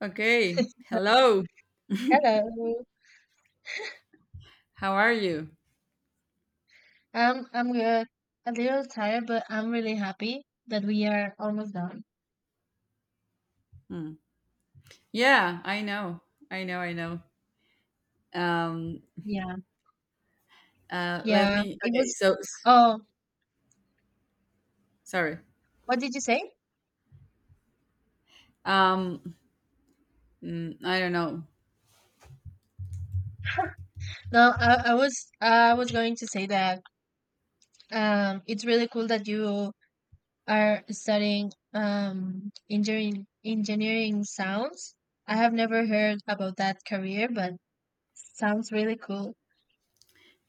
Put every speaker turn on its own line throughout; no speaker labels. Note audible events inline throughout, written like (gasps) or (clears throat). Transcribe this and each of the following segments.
Okay. Hello.
Hello.
How are you?
I'm good. A little tired, but I'm really happy that we are almost done.
Hmm. Yeah, I know. I know. I know. Um.
Yeah.
Let
Yeah.
me.
It
Okay.
was.
So
Oh,
sorry.
what did you say?
Um. I don't know.
No, I was going to say that it's really cool that you are studying engineering sounds. I have never heard about that career, but sounds really cool.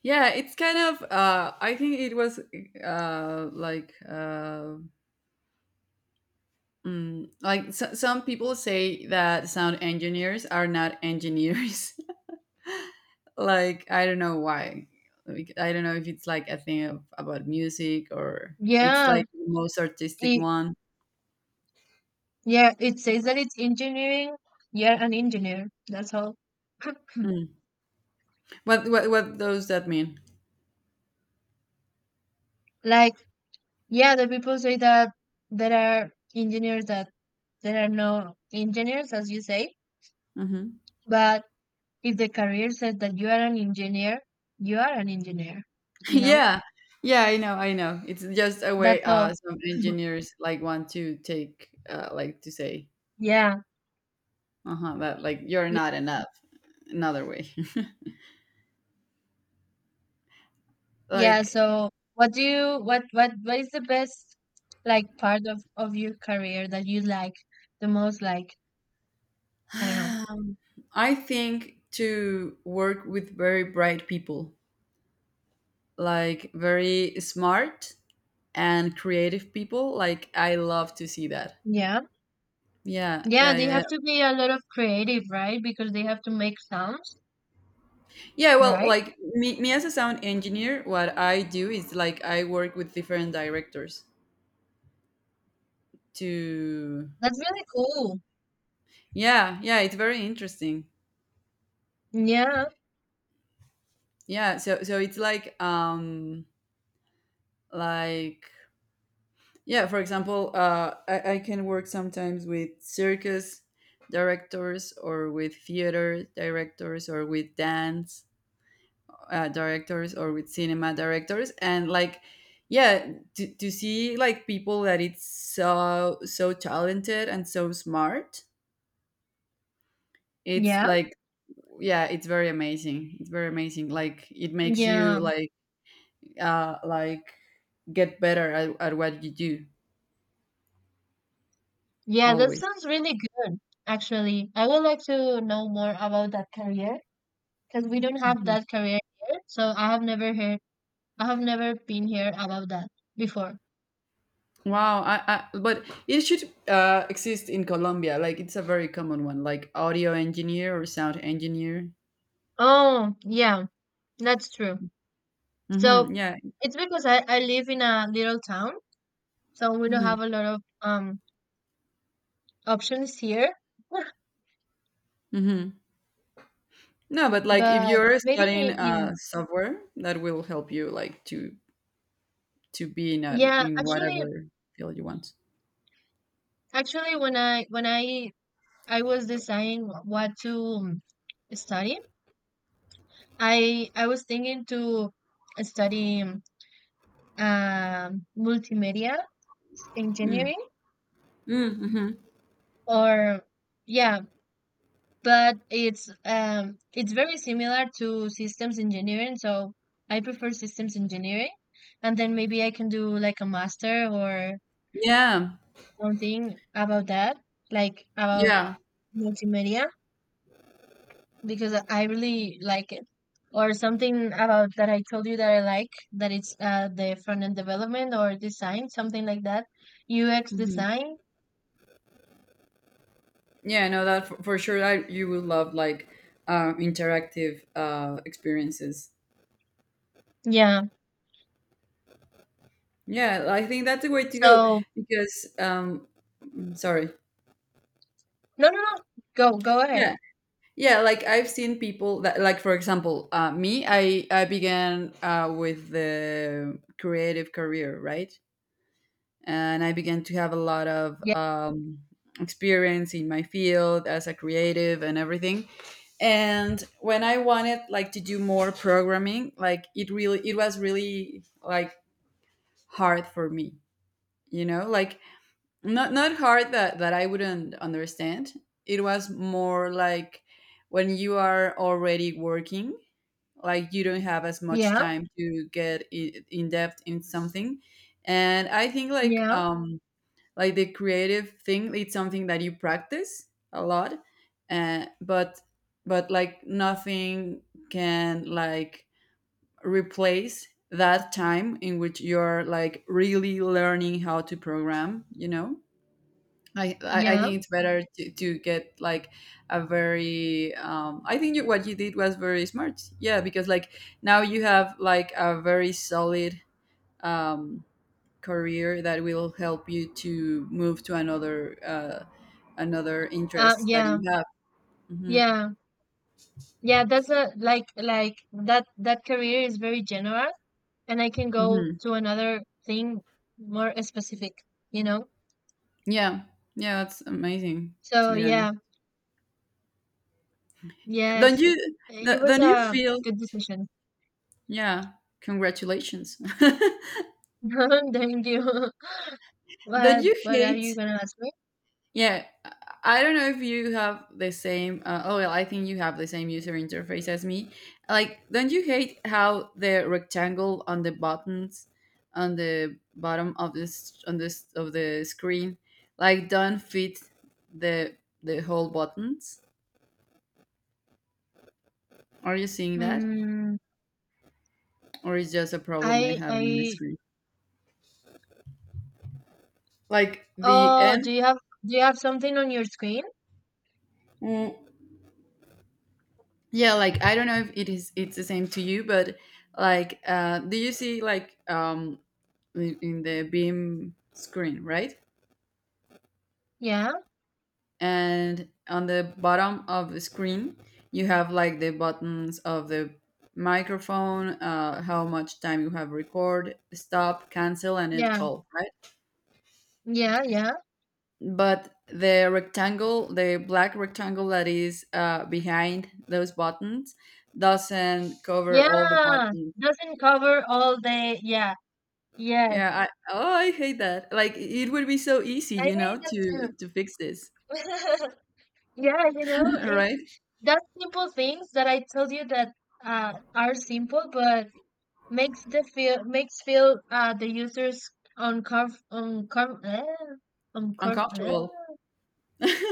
Yeah. It's kind of. I think it was. Uh. Like. Uh. Like so, some people say that sound engineers are not engineers. (laughs) Like I don't know why. Like, I don't know if it's like a thing about music, or it's
Yeah.
like the most artistic
It,
one.
yeah. It says that it's engineering. You're an engineer. That's all.
Mm. What what does that mean?
Like, yeah, the people say that there are engineers that there are no engineers, as you say,
Hmm.
but if the career says that you are an engineer, you are an engineer,
(laughs)
you know?
Yeah, yeah, I know, I know. It's just a way,
That's all.
some engineers like want to take, like to say,
Yeah.
uh-huh, that like you're
Yeah.
not enough. Another way. (laughs)
Yeah,
Like,
so what do you what is the best like part of your career that you like the most, like,
(sighs)
I don't know.
um, I think to work with very bright people, like very smart and creative people. Like, I love to see that.
Yeah.
Yeah,
Yeah,
yeah,
they
yeah, yeah.
have to be a lot of creative, right? Because they have to make sounds,
Yeah, well,
right?
like me as a sound engineer, what I do is like I work with different directors to...
That's really cool.
Yeah, yeah, it's very interesting.
Yeah.
Yeah, so it's like, like, yeah, for example, I can work sometimes with circus directors, or with theater directors, or with dance directors, or with cinema directors. And like, yeah, to see like people that it's so so talented and so smart, it's
Yeah.
like, yeah, it's very amazing, it's very amazing. Like, it makes you
Yeah,
like, like, get better at what you do
yeah, that
always.
sounds really good. Actually, I would like to know more about that career because we don't have
Mhm.
that career here, so I have never been here about that before.
Wow, I but it should exist in Colombia. Like, it's a very common one, like audio engineer or sound engineer.
Oh, yeah, that's true.
Hmm.
So
Yeah.
it's because I live in a little town, so we don't
Hmm.
have a lot of options here. (sighs) (laughs)
Hmm. No, but like, if
But
you're studying
maybe in
software, that will help you like to be in a,
yeah,
in
actually,
whatever field you want.
actually, when I was deciding what to study. I was thinking to study multimedia
Mm.
engineering
Mm, hmm
or yeah, but it's very similar to systems engineering, so I prefer systems engineering and then maybe I can do like a master or
Yeah,
something about that, like about
yeah,
multimedia because I really like it. Or something about that I told you that I like, that it's the front end development or design, something like that. UX
hmm,
design.
yeah. No, that for sure. I You will love like interactive experiences.
Yeah.
Yeah, I think that's the way to go,
So,
because sorry.
no, no, no. Go, go ahead.
Yeah, yeah, like I've seen people that, like, for example, me I began, with the creative career, right? And I began to have a lot of,
Yeah.
experience in my field as a creative and everything. And when I wanted like to do more programming, like, it really, it was really like hard for me, you know, like, not hard that I wouldn't understand. It was more like, when you are already working, like, you don't have as much
Yeah.
time to get in depth in something. And I think, like,
Yeah.
like, the creative thing, it's something that you practice a lot, but like, nothing can, like, replace that time in which you're like really learning how to program. I
Yeah.
think it's better to get like a very, what you did was very smart. Yeah, because like now you have like a very solid, um career that will help you to move to another interest that you
Yeah.
have. Hmm.
Yeah. Yeah. That's a, that career is very general and I can go
Hmm.
to another thing more specific, you know?
Yeah, yeah, that's amazing. To
So,
be
yeah.
honest, don't
Yes.
you
It was
don't you
a
feel?
good decision.
Yeah, congratulations. (laughs)
(laughs) Thank you. (laughs)
Don't
What
you
what are you
hate?
gonna ask me?
Yeah, I don't know if you have the same. Oh, well, I think you have the same user interface as me. Like, don't you hate how the rectangle on the buttons, on the bottom of this, on this of the screen, like don't fit the whole buttons? Are you seeing that,
Mm,
or is just a problem I have in my
I
screen? Like, the
oh do
end.
you have do you have something on your screen?
Mm, yeah, like, I don't know if it's the same to you, but like, do you see like, in the beam screen, right?
Yeah,
And on the bottom of the screen you have like the buttons of the microphone, how much time you have, record, stop, cancel, and end
yeah,
call, right?
yeah, yeah.
But the black rectangle that is behind those buttons, doesn't cover all the
Yeah.
buttons.
Doesn't cover all day. Yeah, yes.
Yeah, I oh, I hate that. Like, it would be so easy,
I
you
hate
know, to
that
fix this.
too. (laughs) Yeah, you know,
(laughs)
it's
Right?
that simple things that I told you that are simple but makes feel the users uncomf uncom eh, uncom eh.
Uncomfortable.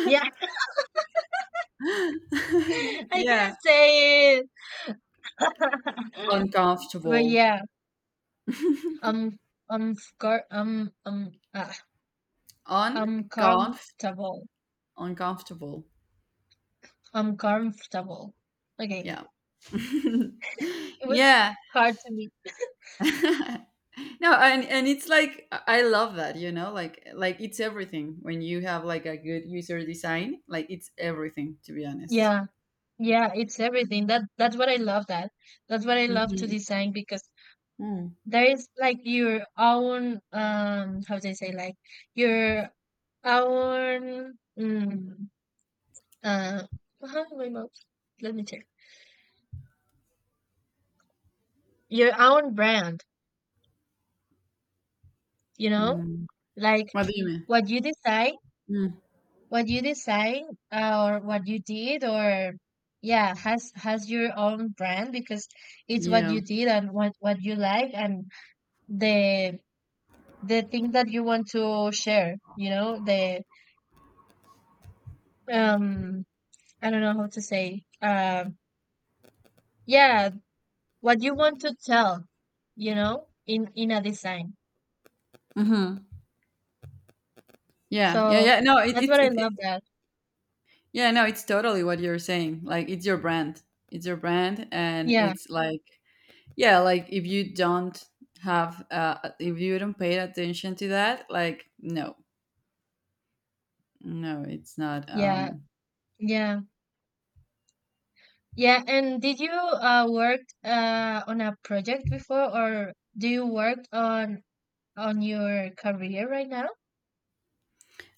Yeah.
(laughs)
(laughs) I can't
Yeah,
say it. (laughs) But
uncomfortable.
yeah, I'm I'm car I'm ah, I'm
Unconf
comfortable.
Uncomfortable.
I'm comfortable. Okay.
Yeah. (laughs)
It was
Yeah.
hard to me.
(laughs) No, and it's like I love that, like it's everything. When you have like a good user design, like, it's everything, to be honest.
Yeah. Yeah, it's everything. That's what I love that. That's what I love to
Hmm.
design because
Mm.
there is like your own how do I say, like, your own mm, uh behind my mouth. Let me check. Your own brand. You know,
Mm.
like
What do you mean?
what you decide,
Mm.
what you decide, or what you did or yeah, has your own brand because it's what you
Yeah.
did and what you like and the the thing that you want to share, you know, the um I don't know how to say yeah, what you want to tell, you know, in a design,
Mhm. Yeah, yeah,
so
yeah. No,
that's what I love that.
yeah, no, it's totally what you're saying. Like, it's your brand. It's your brand, and
Yeah,
it's like, yeah, like, if you don't if you don't pay attention to that, like, no, no, it's not.
yeah, yeah. Yeah, and did you work on a project before, or do you work on your career right now?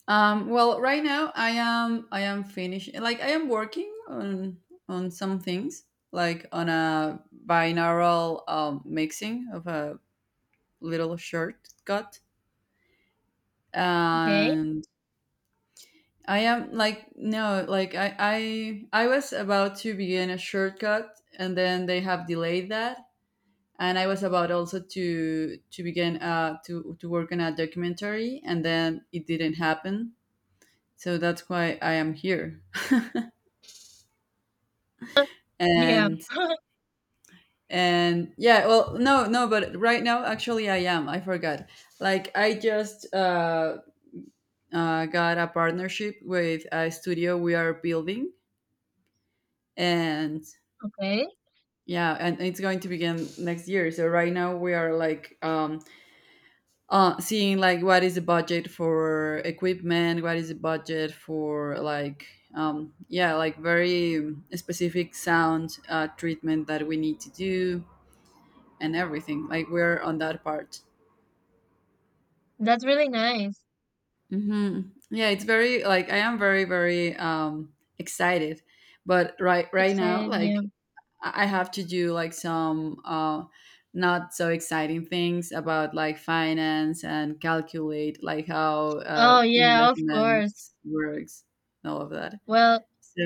Well, right now I am finishing. Like, I am working on some things, like on a binaural, mixing of a little shortcut.
Okay.
And I am like, no, like I was about to begin a shortcut, and then they have delayed that. And I was about also to begin, to work on a documentary, and then it didn't happen. So that's why I am here. (laughs)
Yeah.
And and yeah, well, no, no, but right now, actually, I am. I forgot. Like, I just, got a partnership with a studio we are building. And
Okay.
yeah, and it's going to begin next year. So right now we are like, seeing like what is the budget for equipment, what is the budget for like, yeah, like very specific sound, treatment that we need to do, and everything. Like, we're on that part.
That's really nice.
Hmm. Yeah, it's very like, I am very very, excited, but right now,
Excited. Yeah.
like, I have to do like some, not so exciting things, about like finance and calculate like how,
Oh yeah. Of course.
investments works and all of that.
Well,
So,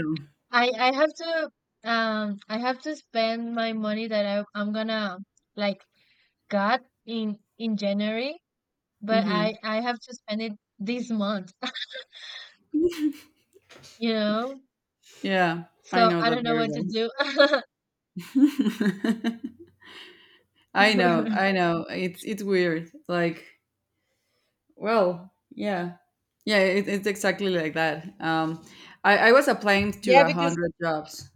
I have to I have to spend my money that I'm gonna like got in January, but I
mhm.
I have to spend it this month. (laughs) You know.
Yeah, I
So
know
I
that
don't know
very
what to
well.
do.
(laughs) I know, I
(laughs)
know. It's weird. Like, well, yeah, yeah. It's exactly like that. I was applying to
Yeah,
a
because
hundred jobs,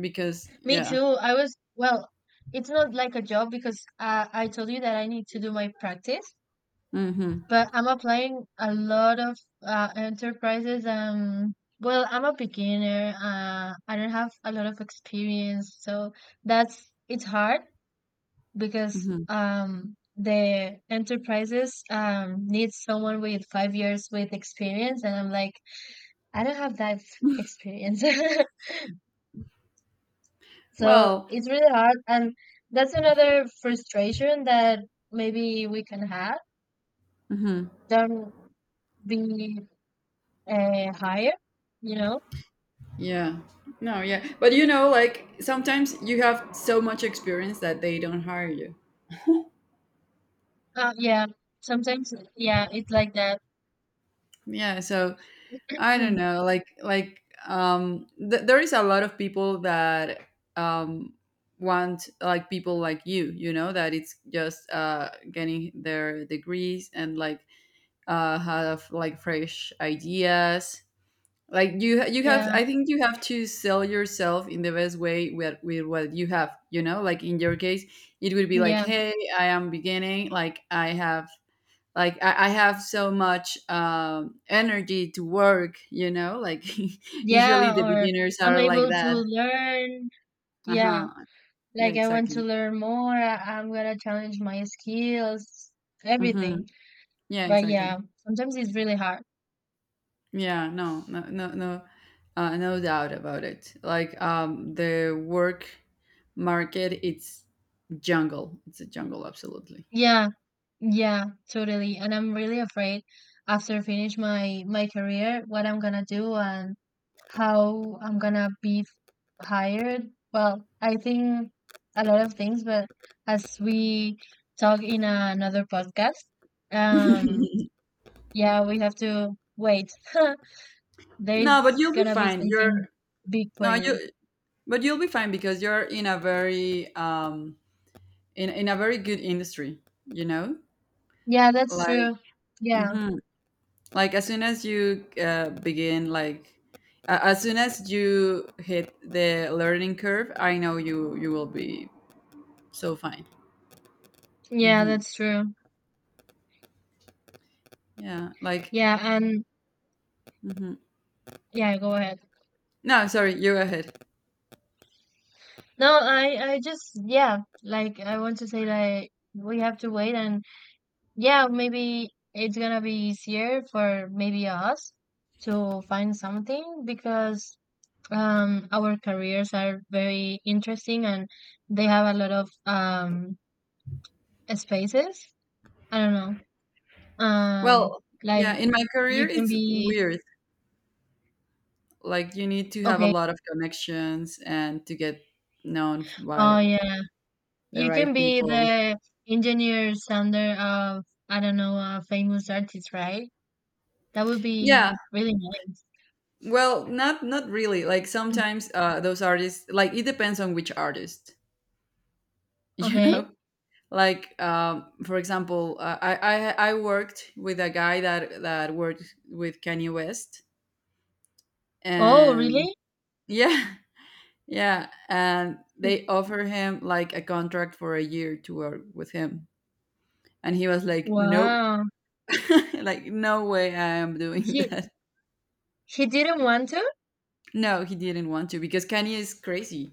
because,
me
yeah.
too. I was, well, it's not like a job because I told you that I need to do my practice,
Mm-hmm.
but I'm applying a lot of enterprises. Well, I'm a beginner. I don't have a lot of experience, so that's it's hard because
Mm-hmm.
the enterprises need someone with 5 years with experience, and I'm like, I don't have that experience. (laughs) So
Well.
it's really hard, and that's another frustration that maybe we can have.
Mhm.
Don't be higher, you know?
Yeah. No, yeah. But, like, sometimes you have so much experience that they don't hire you.
Yeah, sometimes, yeah, it's like that. (clears throat)
Yeah, so I don't know, like, there is a lot of people that, um want like people like you know, that it's just, getting their degrees, and like, have like fresh ideas. Like, you
Yeah,
have, I think you have to sell yourself in the best way, with what you have, like, in your case, it would be like,
yeah,
hey, I am beginning, like I have so much, energy to work, like. (laughs) Usually
yeah,
the
or
beginners
I'm
are like
able to
that.
learn. Yeah,
Uh-huh. Yeah,
like I want to
exactly.
learn more. I'm gonna challenge my skills,
Mm-hmm.
everything.
Yeah,
But
exactly.
yeah, sometimes it's really hard.
Yeah, no, no, no, no, no doubt about it. Like, the work market, it's a jungle, absolutely.
Yeah. Yeah, totally. And I'm really afraid after I finish my my career, what I'm gonna do and how I'm gonna be hired. Well, I think a lot of things, but as we talk in another podcast,
(laughs)
um, yeah, we have to wait. (laughs)
No, but
There's
you'll be
gonna be
fine. You're,
something big for
no,
you.
you, but you'll be fine, because you're in a very, in a very good industry, you know,
Yeah, that's
like.
true. Yeah,
Mhm. Like, as soon as you, begin, like, as soon as you hit the learning curve, I know you will be so fine.
yeah,
Hmm.
that's true.
Yeah, like.
Yeah, and
Mhm.
yeah, go ahead.
No, sorry, you go ahead.
No, I just yeah, like I want to say that we have to wait and yeah, maybe it's gonna be easier for maybe us to find something because our careers are very interesting and they have a lot of spaces. I don't know. Um
Well, yeah,
like
in my
you
career,
can
it's
be
weird. Like, you need to have a
okay.
lot of connections and to get known
Oh
by
yeah.
the
You can
right
be
people.
the engineer sounder of, I don't know, a famous artist, right? That would be
Yeah,
really nice.
well, not really. Like,
(laughs)
sometimes, those artists, like, it depends on which artist. (laughs) You know.
Okay.
Like, for example, I worked with a guy that worked with Kanye West,
Oh,
and
really?
yeah, (laughs) yeah, and they offer him like a contract for a year to work with him, and he was like, "No,
Wow.
(laughs) like, no way I am doing (laughs)
He
that."
he didn't want to?
No, he didn't want to, because Kanye is crazy.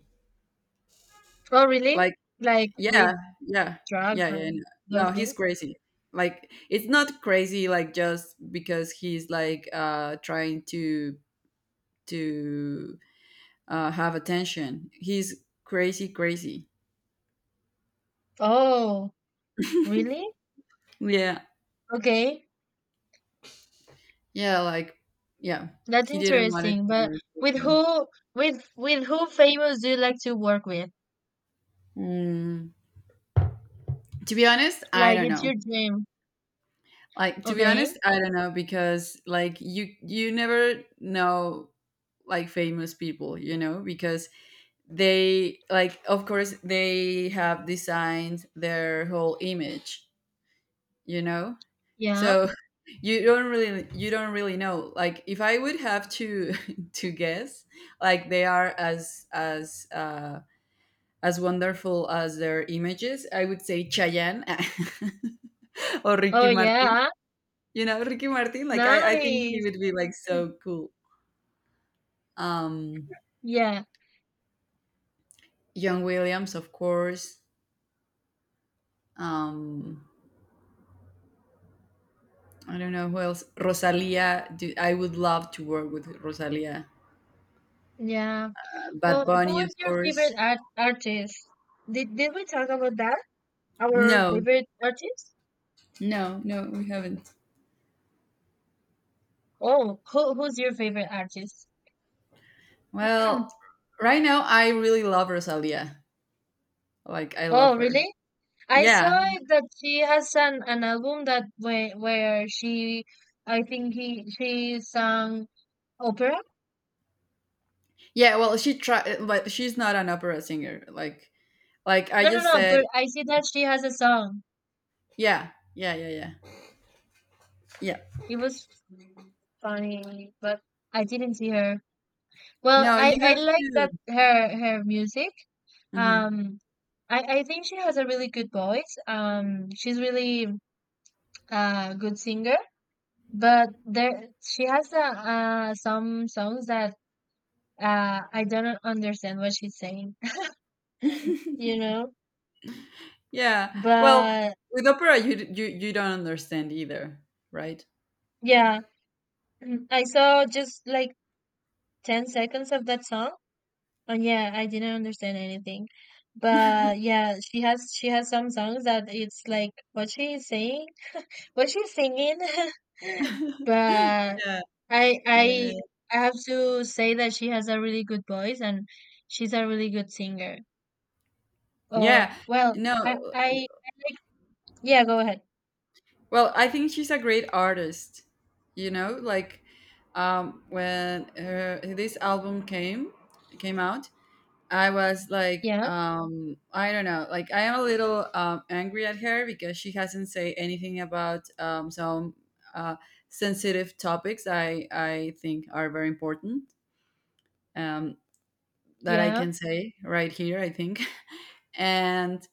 Oh, really?
Like,
Like with
yeah, yeah,
drugs
yeah, yeah.
and those
No, no, he's
things?
crazy. Like, it's not crazy like just because he's like, trying to, to have attention. He's crazy crazy.
Oh, really?
Yeah.
Okay.
Yeah, like, yeah.
That's
He didn't want it
interesting.
to
But
work with
with
him.
who with who famous do you like to work with?
Mm, to be honest, I
Like
don't
it's
know.
your dream.
Like, to be
Okay.
honest, I don't know, because like you never know like famous people, because they, like, of course they have designed their whole image, you know?
Yeah.
So (laughs) you don't really know. Like, if I would have to, (laughs) to guess, like, they are, as wonderful as their images, I would say Chayanne, (laughs) or
Oh,
Ricky Martin.
yeah.
You know, Ricky Martin, like, I think he
Nice.
would be like so cool. Um
Yeah.
John Williams, of course. Um I don't know who else. Rosalia, I would love to work with Rosalia.
Yeah.
Bad
Oh, who
Bunny, of
is your favorite
course.
artist? Did we talk about that? Our
No,
favorite artist?
no, no, we haven't.
Oh, who's your favorite artist?
Well,
(clears throat)
right now I really love Rosalia. Like, I
Oh,
love her.
really? I
Yeah.
saw it that she has an album that where she, I think he she sang opera.
Yeah, well, she try, but she's not an opera singer. Like I
No, no,
just
no.
said,
But I see that she has a song.
yeah. Yeah, yeah, yeah. Yeah.
It was funny, but I didn't see her. Well,
No,
I
you
I
have
like that
to.
her her music.
Mhm.
Um, I think she has a really good voice. She's really good singer. But there, she has some songs that I don't understand what she's saying, (laughs) you
(laughs)
know.
Yeah. Well,
But
with opera, you d you you don't understand either, right?
yeah, (clears throat) mm, I saw just like 10 seconds of that song, and yeah, I didn't understand anything. But yeah, she has some songs that it's like what she's saying, what she's singing. (laughs) But
Yeah,
I
yeah.
I I have to say that she has a really good voice and she's a really good singer. Or
Yeah.
well,
No.
I yeah, go ahead.
Well, I think she's a great artist, you know? Like, when her this album came out, I was like,
Yeah,
I don't know, like I am a little angry at her because she hasn't say anything about some uh, sensitive topics I think are very important. Um, that I
yeah,
can say right here, I think. (laughs) And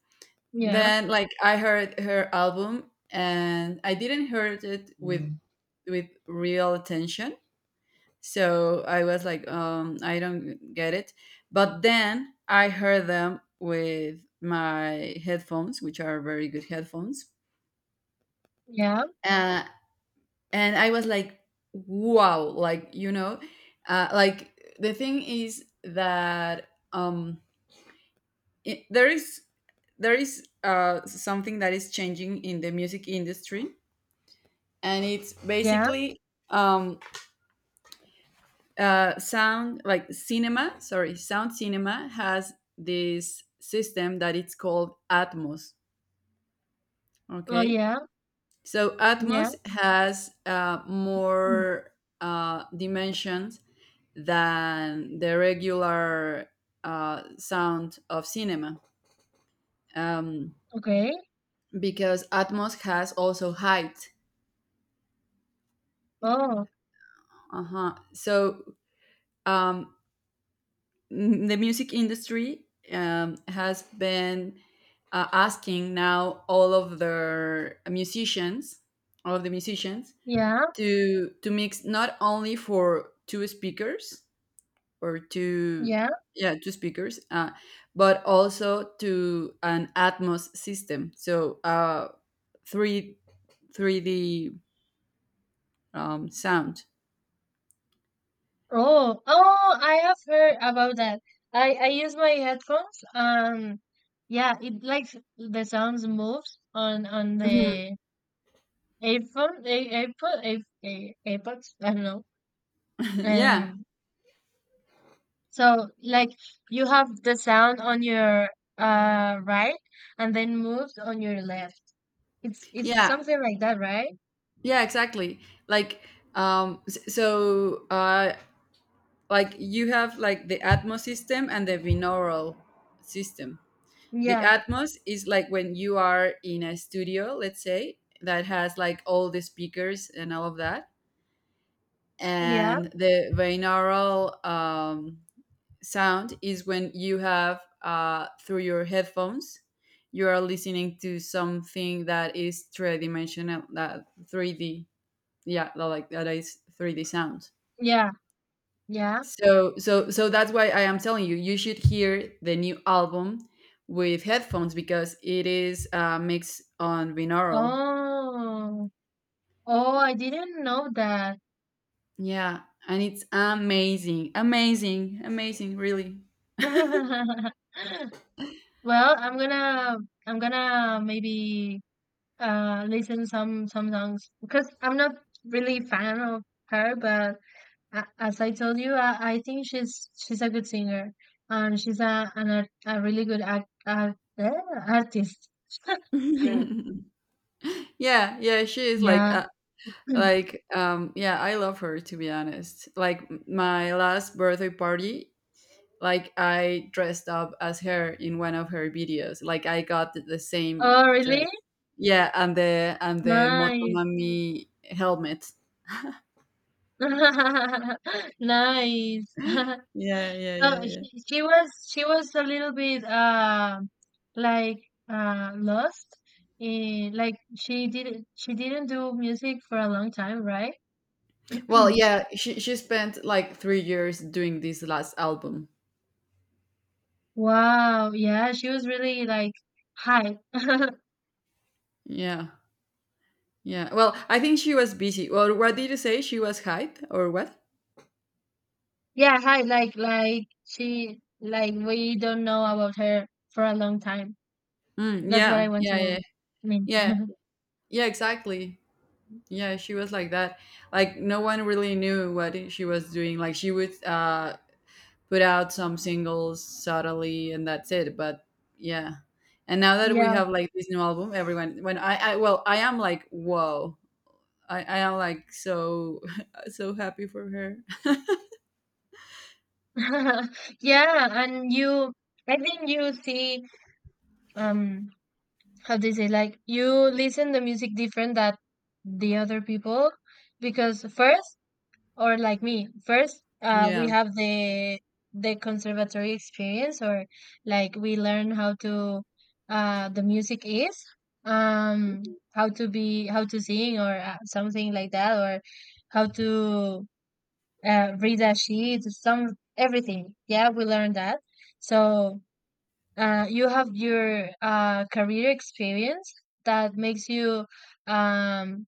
yeah,
then like I heard her album and I didn't heard it with real attention. So I was like, I don't get it. But then I heard them with my headphones, which are very good headphones.
yeah,
Uh, and I was like, wow, like, you know, like the thing is that um, i- there is there is something that is changing in the music industry, and it's
yeah.
basically um, sound like cinema, sorry, sound cinema has this system that it's called Atmos,
Oh
okay.
yeah,
So
yeah.
Atmos has
Mm,
more dimensions than the regular sound of cinema, um,
okay.
because Atmos has also height.
Oh
Uh-huh. So um, the music industry has been asking now all of their musicians, all of the musicians,
yeah,
to mix not only for two speakers or two,
yeah.
yeah, two speakers, but also to an Atmos system. So, three three D sound.
Oh oh, I have heard about that. I use my headphones. Yeah, it likes the sounds moves on
Mhm.
the AirPods. I don't know.
(laughs) Yeah,
Um, So, like, you have the sound on your right and then moves on your left. It's
yeah.
something like that, right?
Yeah, exactly. Like, so, like you have like the Atmos system and the binaural system. The
Yeah,
Atmos is like when you are in a studio, let's say, that has like all the speakers and all of that.
yeah,
And the binaural sound is when you have, through your headphones, you are listening to something that is three dimensional, that 3D, yeah, like that is 3D sound.
yeah, yeah.
So that's why I am telling you should hear the new album with headphones, because it is a mix on binaural.
Oh, oh, I didn't know that.
Yeah, and it's amazing, amazing, amazing, really.
(laughs) Well, I'm gonna maybe listen some songs because I'm not really fan of her, but as I told you, I think she's a good singer and she's a really good artist. Mm.
(laughs) Yeah, yeah, she is like,
Yeah. (clears throat)
like, yeah, I love her, to be honest. Like my last birthday party, like I dressed up as her in one of her videos. Like I got the same
Oh,
dress.
really?
Yeah, and the
Nice.
Motomami helmet.
(laughs) Nice. (laughs)
Yeah, yeah,
So
yeah, yeah.
she was a little bit like lost in she didn't do music for a long time, right?
Well,
(clears throat)
yeah, she spent like 3 years doing this last album.
Wow, yeah, she was really like high. (laughs)
Yeah, yeah. Well, I think she was busy. Well, what did you say? She was hype or what?
Yeah, hi, like she like we don't know about her for a long time.
Mm,
That's what I
yeah,
want
yeah,
to
yeah,
mean.
yeah, yeah. Exactly. Yeah, she was like that. Like no one really knew what she was doing. Like she would put out some singles subtly, and that's it. But yeah, and now that we
Yeah.
have like this new album, everyone, when I am like, whoa, I am like so (laughs) so happy for her.
(laughs) Yeah, and you, I think you see um how do you say, like, you listen the music different that the other people because first or like me first, we
Yeah.
have the conservatory experience or like we learn how to, the music is, um how to be, how to sing, or something like that, or how to read a sheet, some everything, yeah, we learn that, so, you have your career experience that makes you um,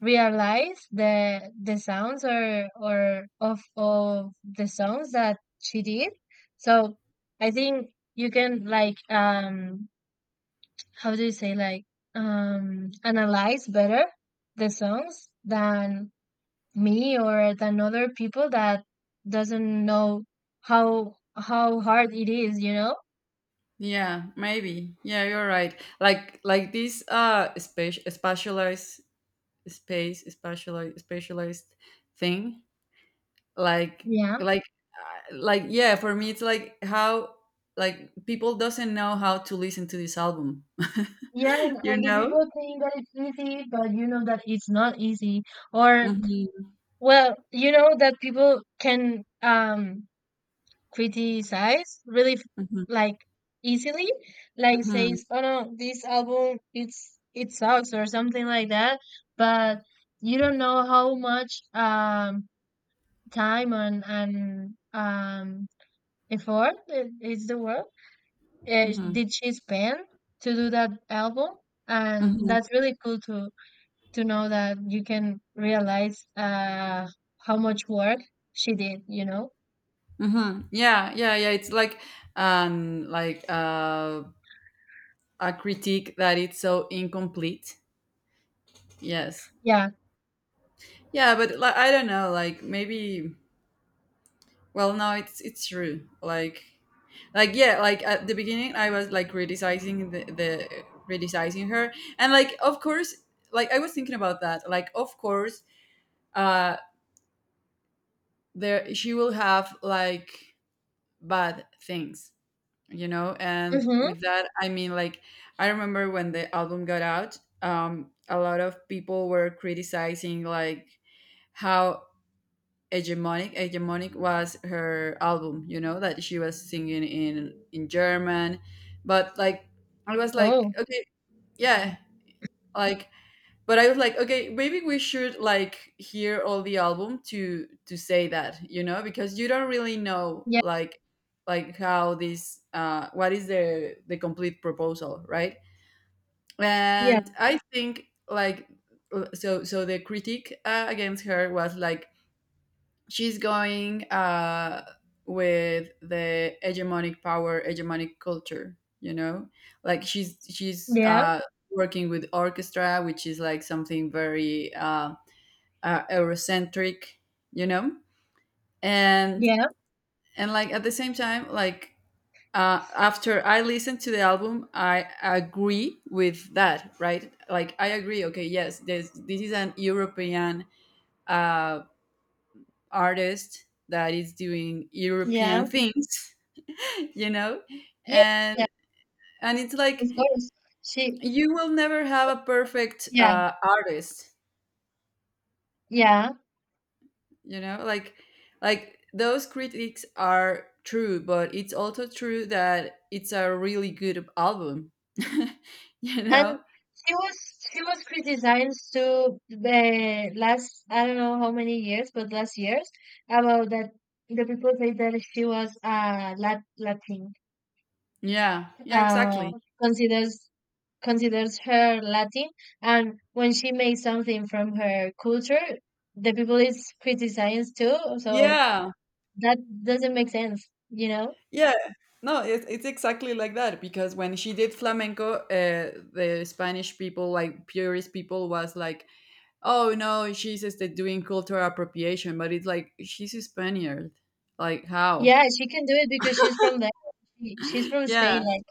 realize the sounds or of the songs that she did. So I think you can like, how do you say, like, analyze better the songs than me or than other people that doesn't know how hard it is, you know?
Yeah, maybe. Yeah, you're right. Like, this space specialized specialized thing. Like,
Yeah.
like like, yeah, for me it's like how like people doesn't know how to listen to this album.
Yeah,
(laughs) You
and the
know.
people think that it's easy, but you know that it's not easy. Or,
Hmm.
well, you know that people can criticize really
Hmm.
like easily, like
Hmm.
says, "Oh no, this album it's it sucks" or something like that. But you don't know how much time and effort is the word,
Hmm.
did she spend to do that album, and
Hmm.
that's really cool to know that you can realize how much work she did, you know?
Hmm. Yeah, yeah, yeah, it's like, like, a critique that it's so incomplete. Yes.
Yeah.
Yeah, but like, I don't know, like maybe. Well, no, it's true. Like, yeah, like at the beginning, I was like criticizing the criticizing her, and like of course, like I was thinking about that. Like of course, uh, there she will have like bad things, you know. And
Mm-hmm.
with that, I mean like I remember when the album got out, a lot of people were criticizing like how hegemonic was her album, you know, that she was singing in German, but like, I was like,
Oh,
okay, yeah, like, but I was like, okay, maybe we should like hear all the album to say that, you know, because you don't really know
yeah,
like how this, what is the complete proposal, right?
yeah,
And I think like, so the critique, against her was like she's going, with the hegemonic power, hegemonic culture. You know, like she's
yeah,
working with orchestra, which is like something very Eurocentric. You know, and
yeah,
and like at the same time, like. After I listened to the album, I agree with that, right? Like I agree. Okay, yes, this is an European uh, artist that is doing
yeah,
European (laughs) things, you know,
yeah,
and
yeah,
and it's like,
of course. She,
you will never have a perfect
yeah,
artist,
yeah.
you know, like, those critics are true, but it's also true that it's a really good album. (laughs) You
And
know.
she was she was criticized to the last, I don't know how many years, but last years, about that the people say that she was Latin,
Yeah, yeah,
uh,
exactly.
considers considers her Latin, and when she makes something from her culture, the people is criticized too. So
Yeah,
that doesn't make sense, you know?
yeah. No, it's exactly like that, because when she did flamenco, the Spanish people, like purist people, was like, oh no, she says they're doing cultural appropriation, but it's like she's a Spaniard. Like how?
Yeah, she can do it because she's from there. She's from
Yeah,
Spain, like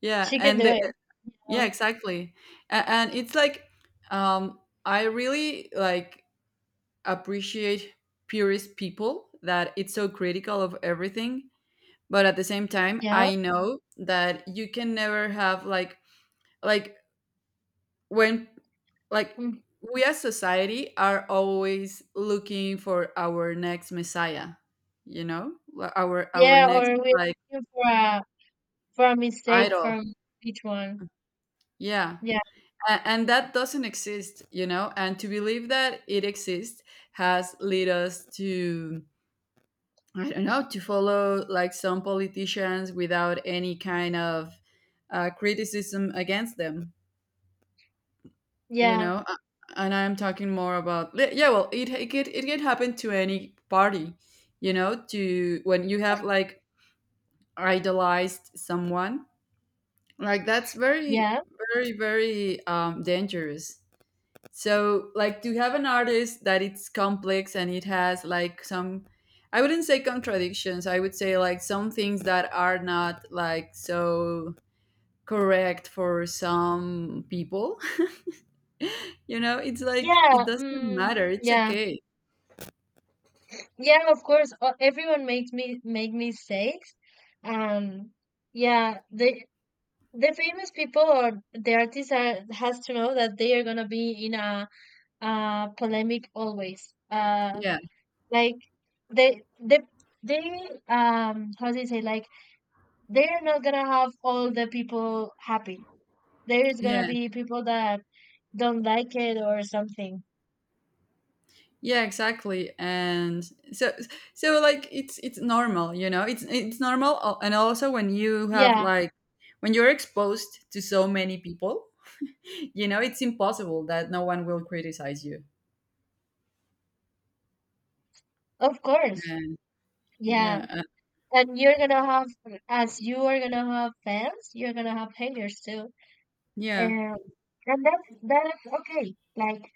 yeah,
she can do
and
it,
the,
you
yeah,
know?
exactly. And it's like, um, I really like appreciate purist people that it's so critical of everything, but at the same time,
Yeah,
I know that you can never have like when Like
mm,
we as society are always looking for our next messiah, you know? Like, our
yeah. Or
next,
we're looking
like,
for a mistake
idol.
from each one.
Yeah.
Yeah,
And that doesn't exist, you know? And to believe that it exists has led us to, I don't know, to follow like some politicians without any kind of criticism against them. You
yeah,
know, and I'm talking more about yeah, well, it can happen to any party, you know, to when you have like idolized someone, like that's very,
yeah,
very, very, dangerous. So like, to have an artist that it's complex and it has like some, I wouldn't say contradictions, I would say like some things that are not like so correct for some people. (laughs) You know, it's like it
yeah.
doesn't
Mm,
matter, it's
yeah.
okay.
Yeah, of course. Everyone makes me make mistakes. Um, yeah, the famous people or the artists are, has to know that they are gonna be in a polemic always. Uh,
Yeah,
like they they they how do you say, like they are not gonna have all the people happy. There is gonna
yeah,
be people that don't like it or something.
yeah, exactly. And so, like it's normal, you know. It's normal, and also when you have
Yeah,
like, when you're exposed to so many people, (laughs) you know, it's impossible that no one will criticize you.
of course.
And
Yeah.
yeah,
And you're gonna have, as you are gonna have fans, you're gonna have haters too.
yeah.
Um, and that is okay. Like,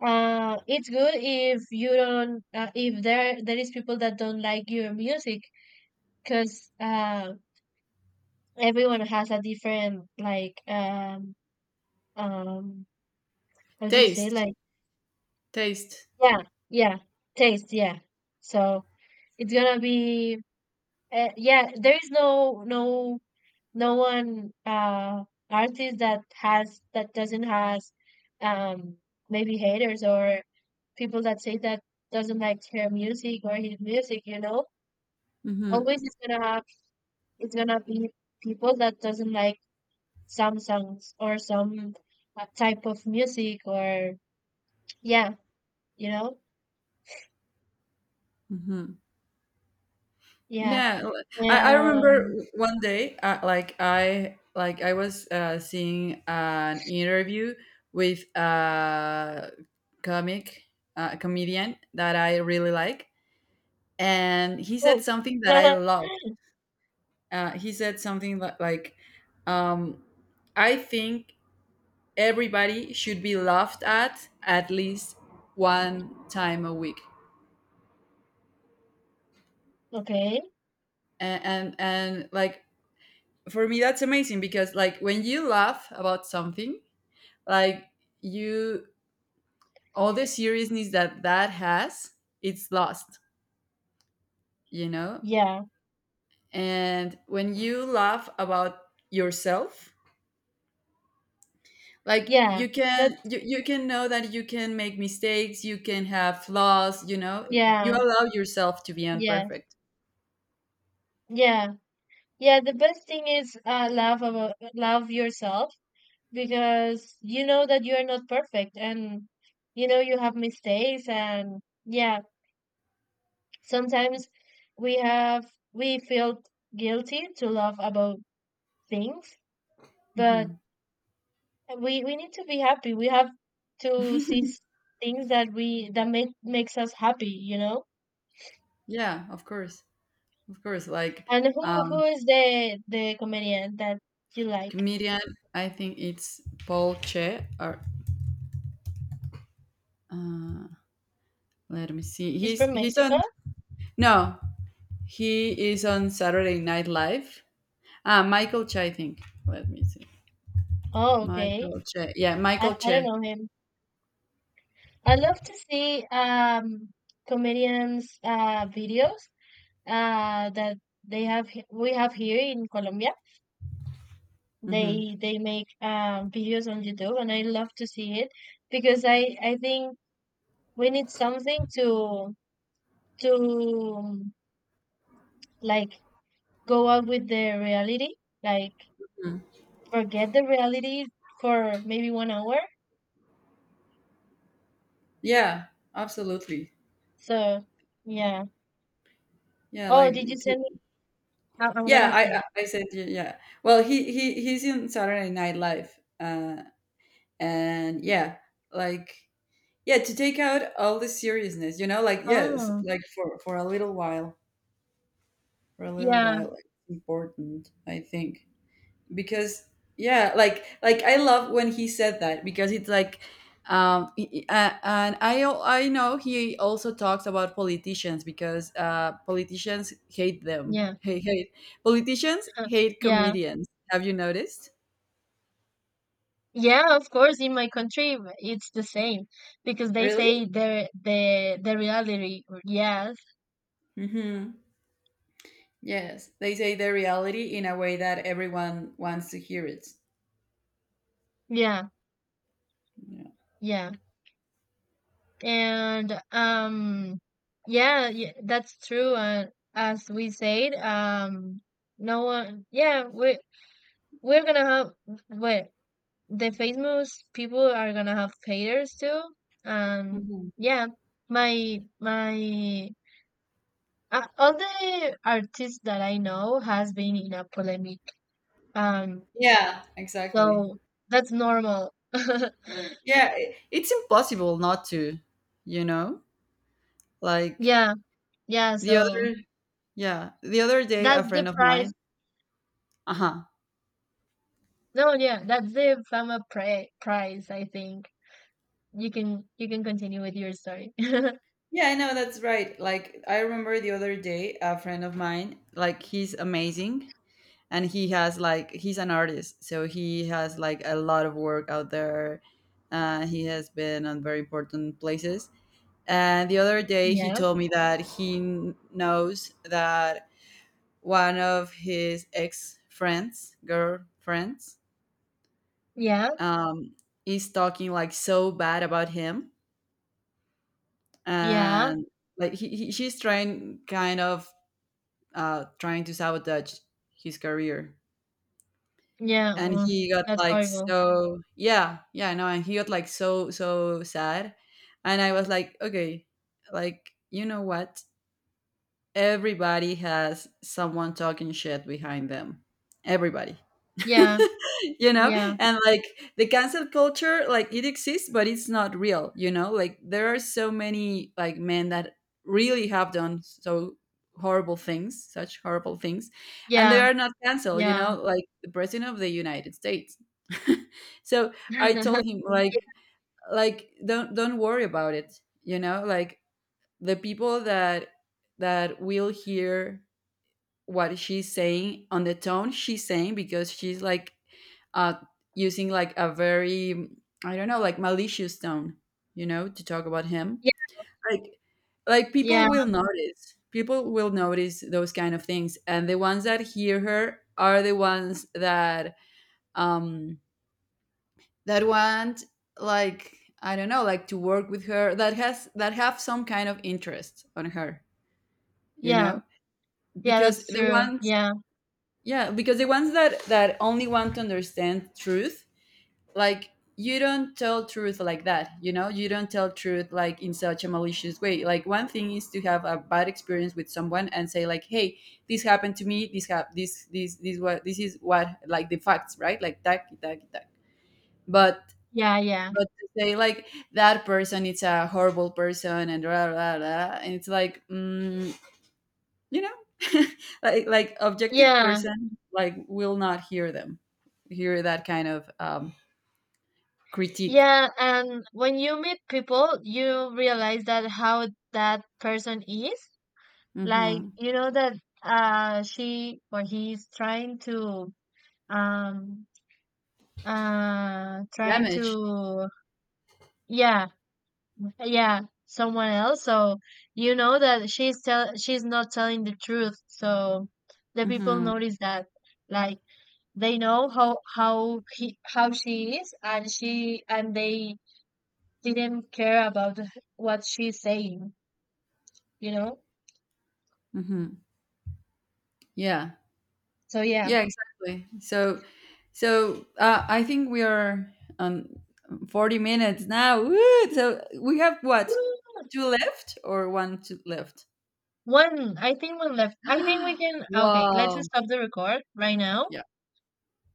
it's good if you don't, if there is people that don't like your music, because everyone has a different, like, um how do you say,
Taste,
like,
taste.
yeah, yeah, taste, yeah. So it's gonna be yeah. There is no one artist that doesn't has um maybe haters, or people that say that doesn't like her music or his music, you know.
Mm-hmm,
Always it's gonna be people that doesn't like some songs or some type of music, or yeah, you know,
mm-hmm.
yeah,
Yeah, I remember
and
one day, like I was seeing an interview with a comic, a comedian that I really like, and he said
cool.
something that I
(laughs)
love. He said something like, um, "I think everybody should be laughed at least one time a week,"
okay,
and like for me that's amazing, because like when you laugh about something, like you, all the seriousness that has, it's lost, you know?
yeah,
And when you laugh about yourself, like
yeah, that's
you can know that you can make mistakes, you can have flaws, you know, you
yeah,
allow yourself to be
yes,
imperfect.
yeah. Yeah, the best thing is love yourself, because you know that you are not perfect and you know you have mistakes, and yeah, sometimes we feel guilty to love about things, but
Mhm.
we need to be happy. We have to see
(laughs)
things that makes us happy, you know?
Yeah, of course, of course, like,
And who
um
is the comedian that you like?
comedian, I think it's Paul Che, or uh let me see,
He's
he's
from
he's on.
Mexico?
No. He is on Saturday Night Live. Ah, Michael Che, I think. Let me see.
Oh, okay.
Michael Che. Yeah,
I,
Michael
I don't
Che.
know him. I love to see comedians videos that they have he- we have here in Colombia.
Hmm.
They make videos on YouTube and I love to see it, because I think we need something to to um, like go out with the reality, like forget the reality for maybe one hour.
Yeah, absolutely.
So yeah.
Yeah,
Oh, did you
like, t-
send me? I'm
yeah,
gonna
I
say.
I I said yeah. Yeah. Well, he's in Saturday Night Live. And yeah, like yeah, to take out all the seriousness, you know, like yes,
Oh,
like for a little while, for a little
yeah,
while, like important, I think. Because yeah, like, I love when he said that, because it's like, and I know he also talks about politicians, because politicians hate them
yeah,
hate hate politicians
(laughs)
hate
yeah.
comedians. Have you noticed?
Yeah, of course, in my country it's the same because they
Really?
say the reality. Yes,
Mm-hmm. Yes, they say the reality in a way that everyone wants to hear it.
yeah,
Yeah.
yeah, and yeah, yeah, that's true. And as we said, no one. Yeah, we're gonna have. Wait. The famous people are gonna have haters too. Um,
Mhm.
yeah, my my all the artists that I know has been in a polemic. um
Yeah, exactly.
So that's normal. (laughs)
Yeah, it's impossible not to, you know, like,
Yeah, yeah,
the other.
so
Yeah. The other day, a
that's the
friend of
price.
mine. Uh-huh.
No, yeah, that's the fama pri price, I think. You can continue with your story. (laughs)
Yeah, I know, that's right. Like, I remember the other day, a friend of mine, like, he's amazing, and he has, like he's an artist, so he has, like, a lot of work out there. He has been on very important places. And the other day, he
Yeah,
told me that he knows that one of his ex friends, girlfriends,
yeah,
um, is talking, like, so bad about him,
yeah,
and like he she's trying kind of, trying to sabotage his career,
yeah.
and
Oh,
he got
that's
like
horrible.
so, yeah, yeah. No, and he got like so sad. And I was like, okay, like, you know what, everybody has someone talking shit behind them. Everybody. (laughs)
Yeah,
You know,
yeah,
and like the cancel culture, like it exists, but it's not real, you know, like there are so many like men that really have done so horrible things, such horrible things, and they
yeah,
are not canceled, you
yeah.
know, like the president of the United States. (laughs) So I told
(laughs)
him like, don't worry about it, you know, like the people that will hear what she's saying on the tone she's saying, because she's like, uh using like a very, I don't know, like malicious tone, you know, to talk about him,
Yeah,
like,
yeah,
people will notice, people will notice those kind of things. And the ones that hear her are the ones that, um that want, like, I don't know, like to work with her, that have some kind of interest on her, you
yeah,
know.
yeah,
because
that's
the
true.
ones
Yeah,
yeah because the ones that only want to understand truth, like, you don't tell truth like that, you know, you don't tell truth like in such a malicious way. Like one thing is to have a bad experience with someone and say like, hey, this happened to me, this hap- this what this is what, like, the facts, right? Like, that that that but
yeah, yeah,
but to say like that person it's a horrible person and blah, blah, blah, and it's like, you know. (laughs) Like, objective
yeah,
person, like, will not hear them, hear that kind of critique.
yeah. And when you meet people, you realize that how that person is. Like,
Mm-hmm.
you know that she or he's trying to um uh trying
Damage.
to yeah, yeah, someone else. So you know that she's not telling the truth. So the people
Mm-hmm.
notice that, like, they know how she is, and she and they didn't care about what she's saying, you know?
Mm-hmm. Yeah,
So yeah.
yeah, exactly. So I think we are on 40 minutes now. Woo! So we have what, two left, or one, two left?
One, I think one left. I think we
(gasps)
can. Okay, let's
Wow.
stop the record right now.
Yeah.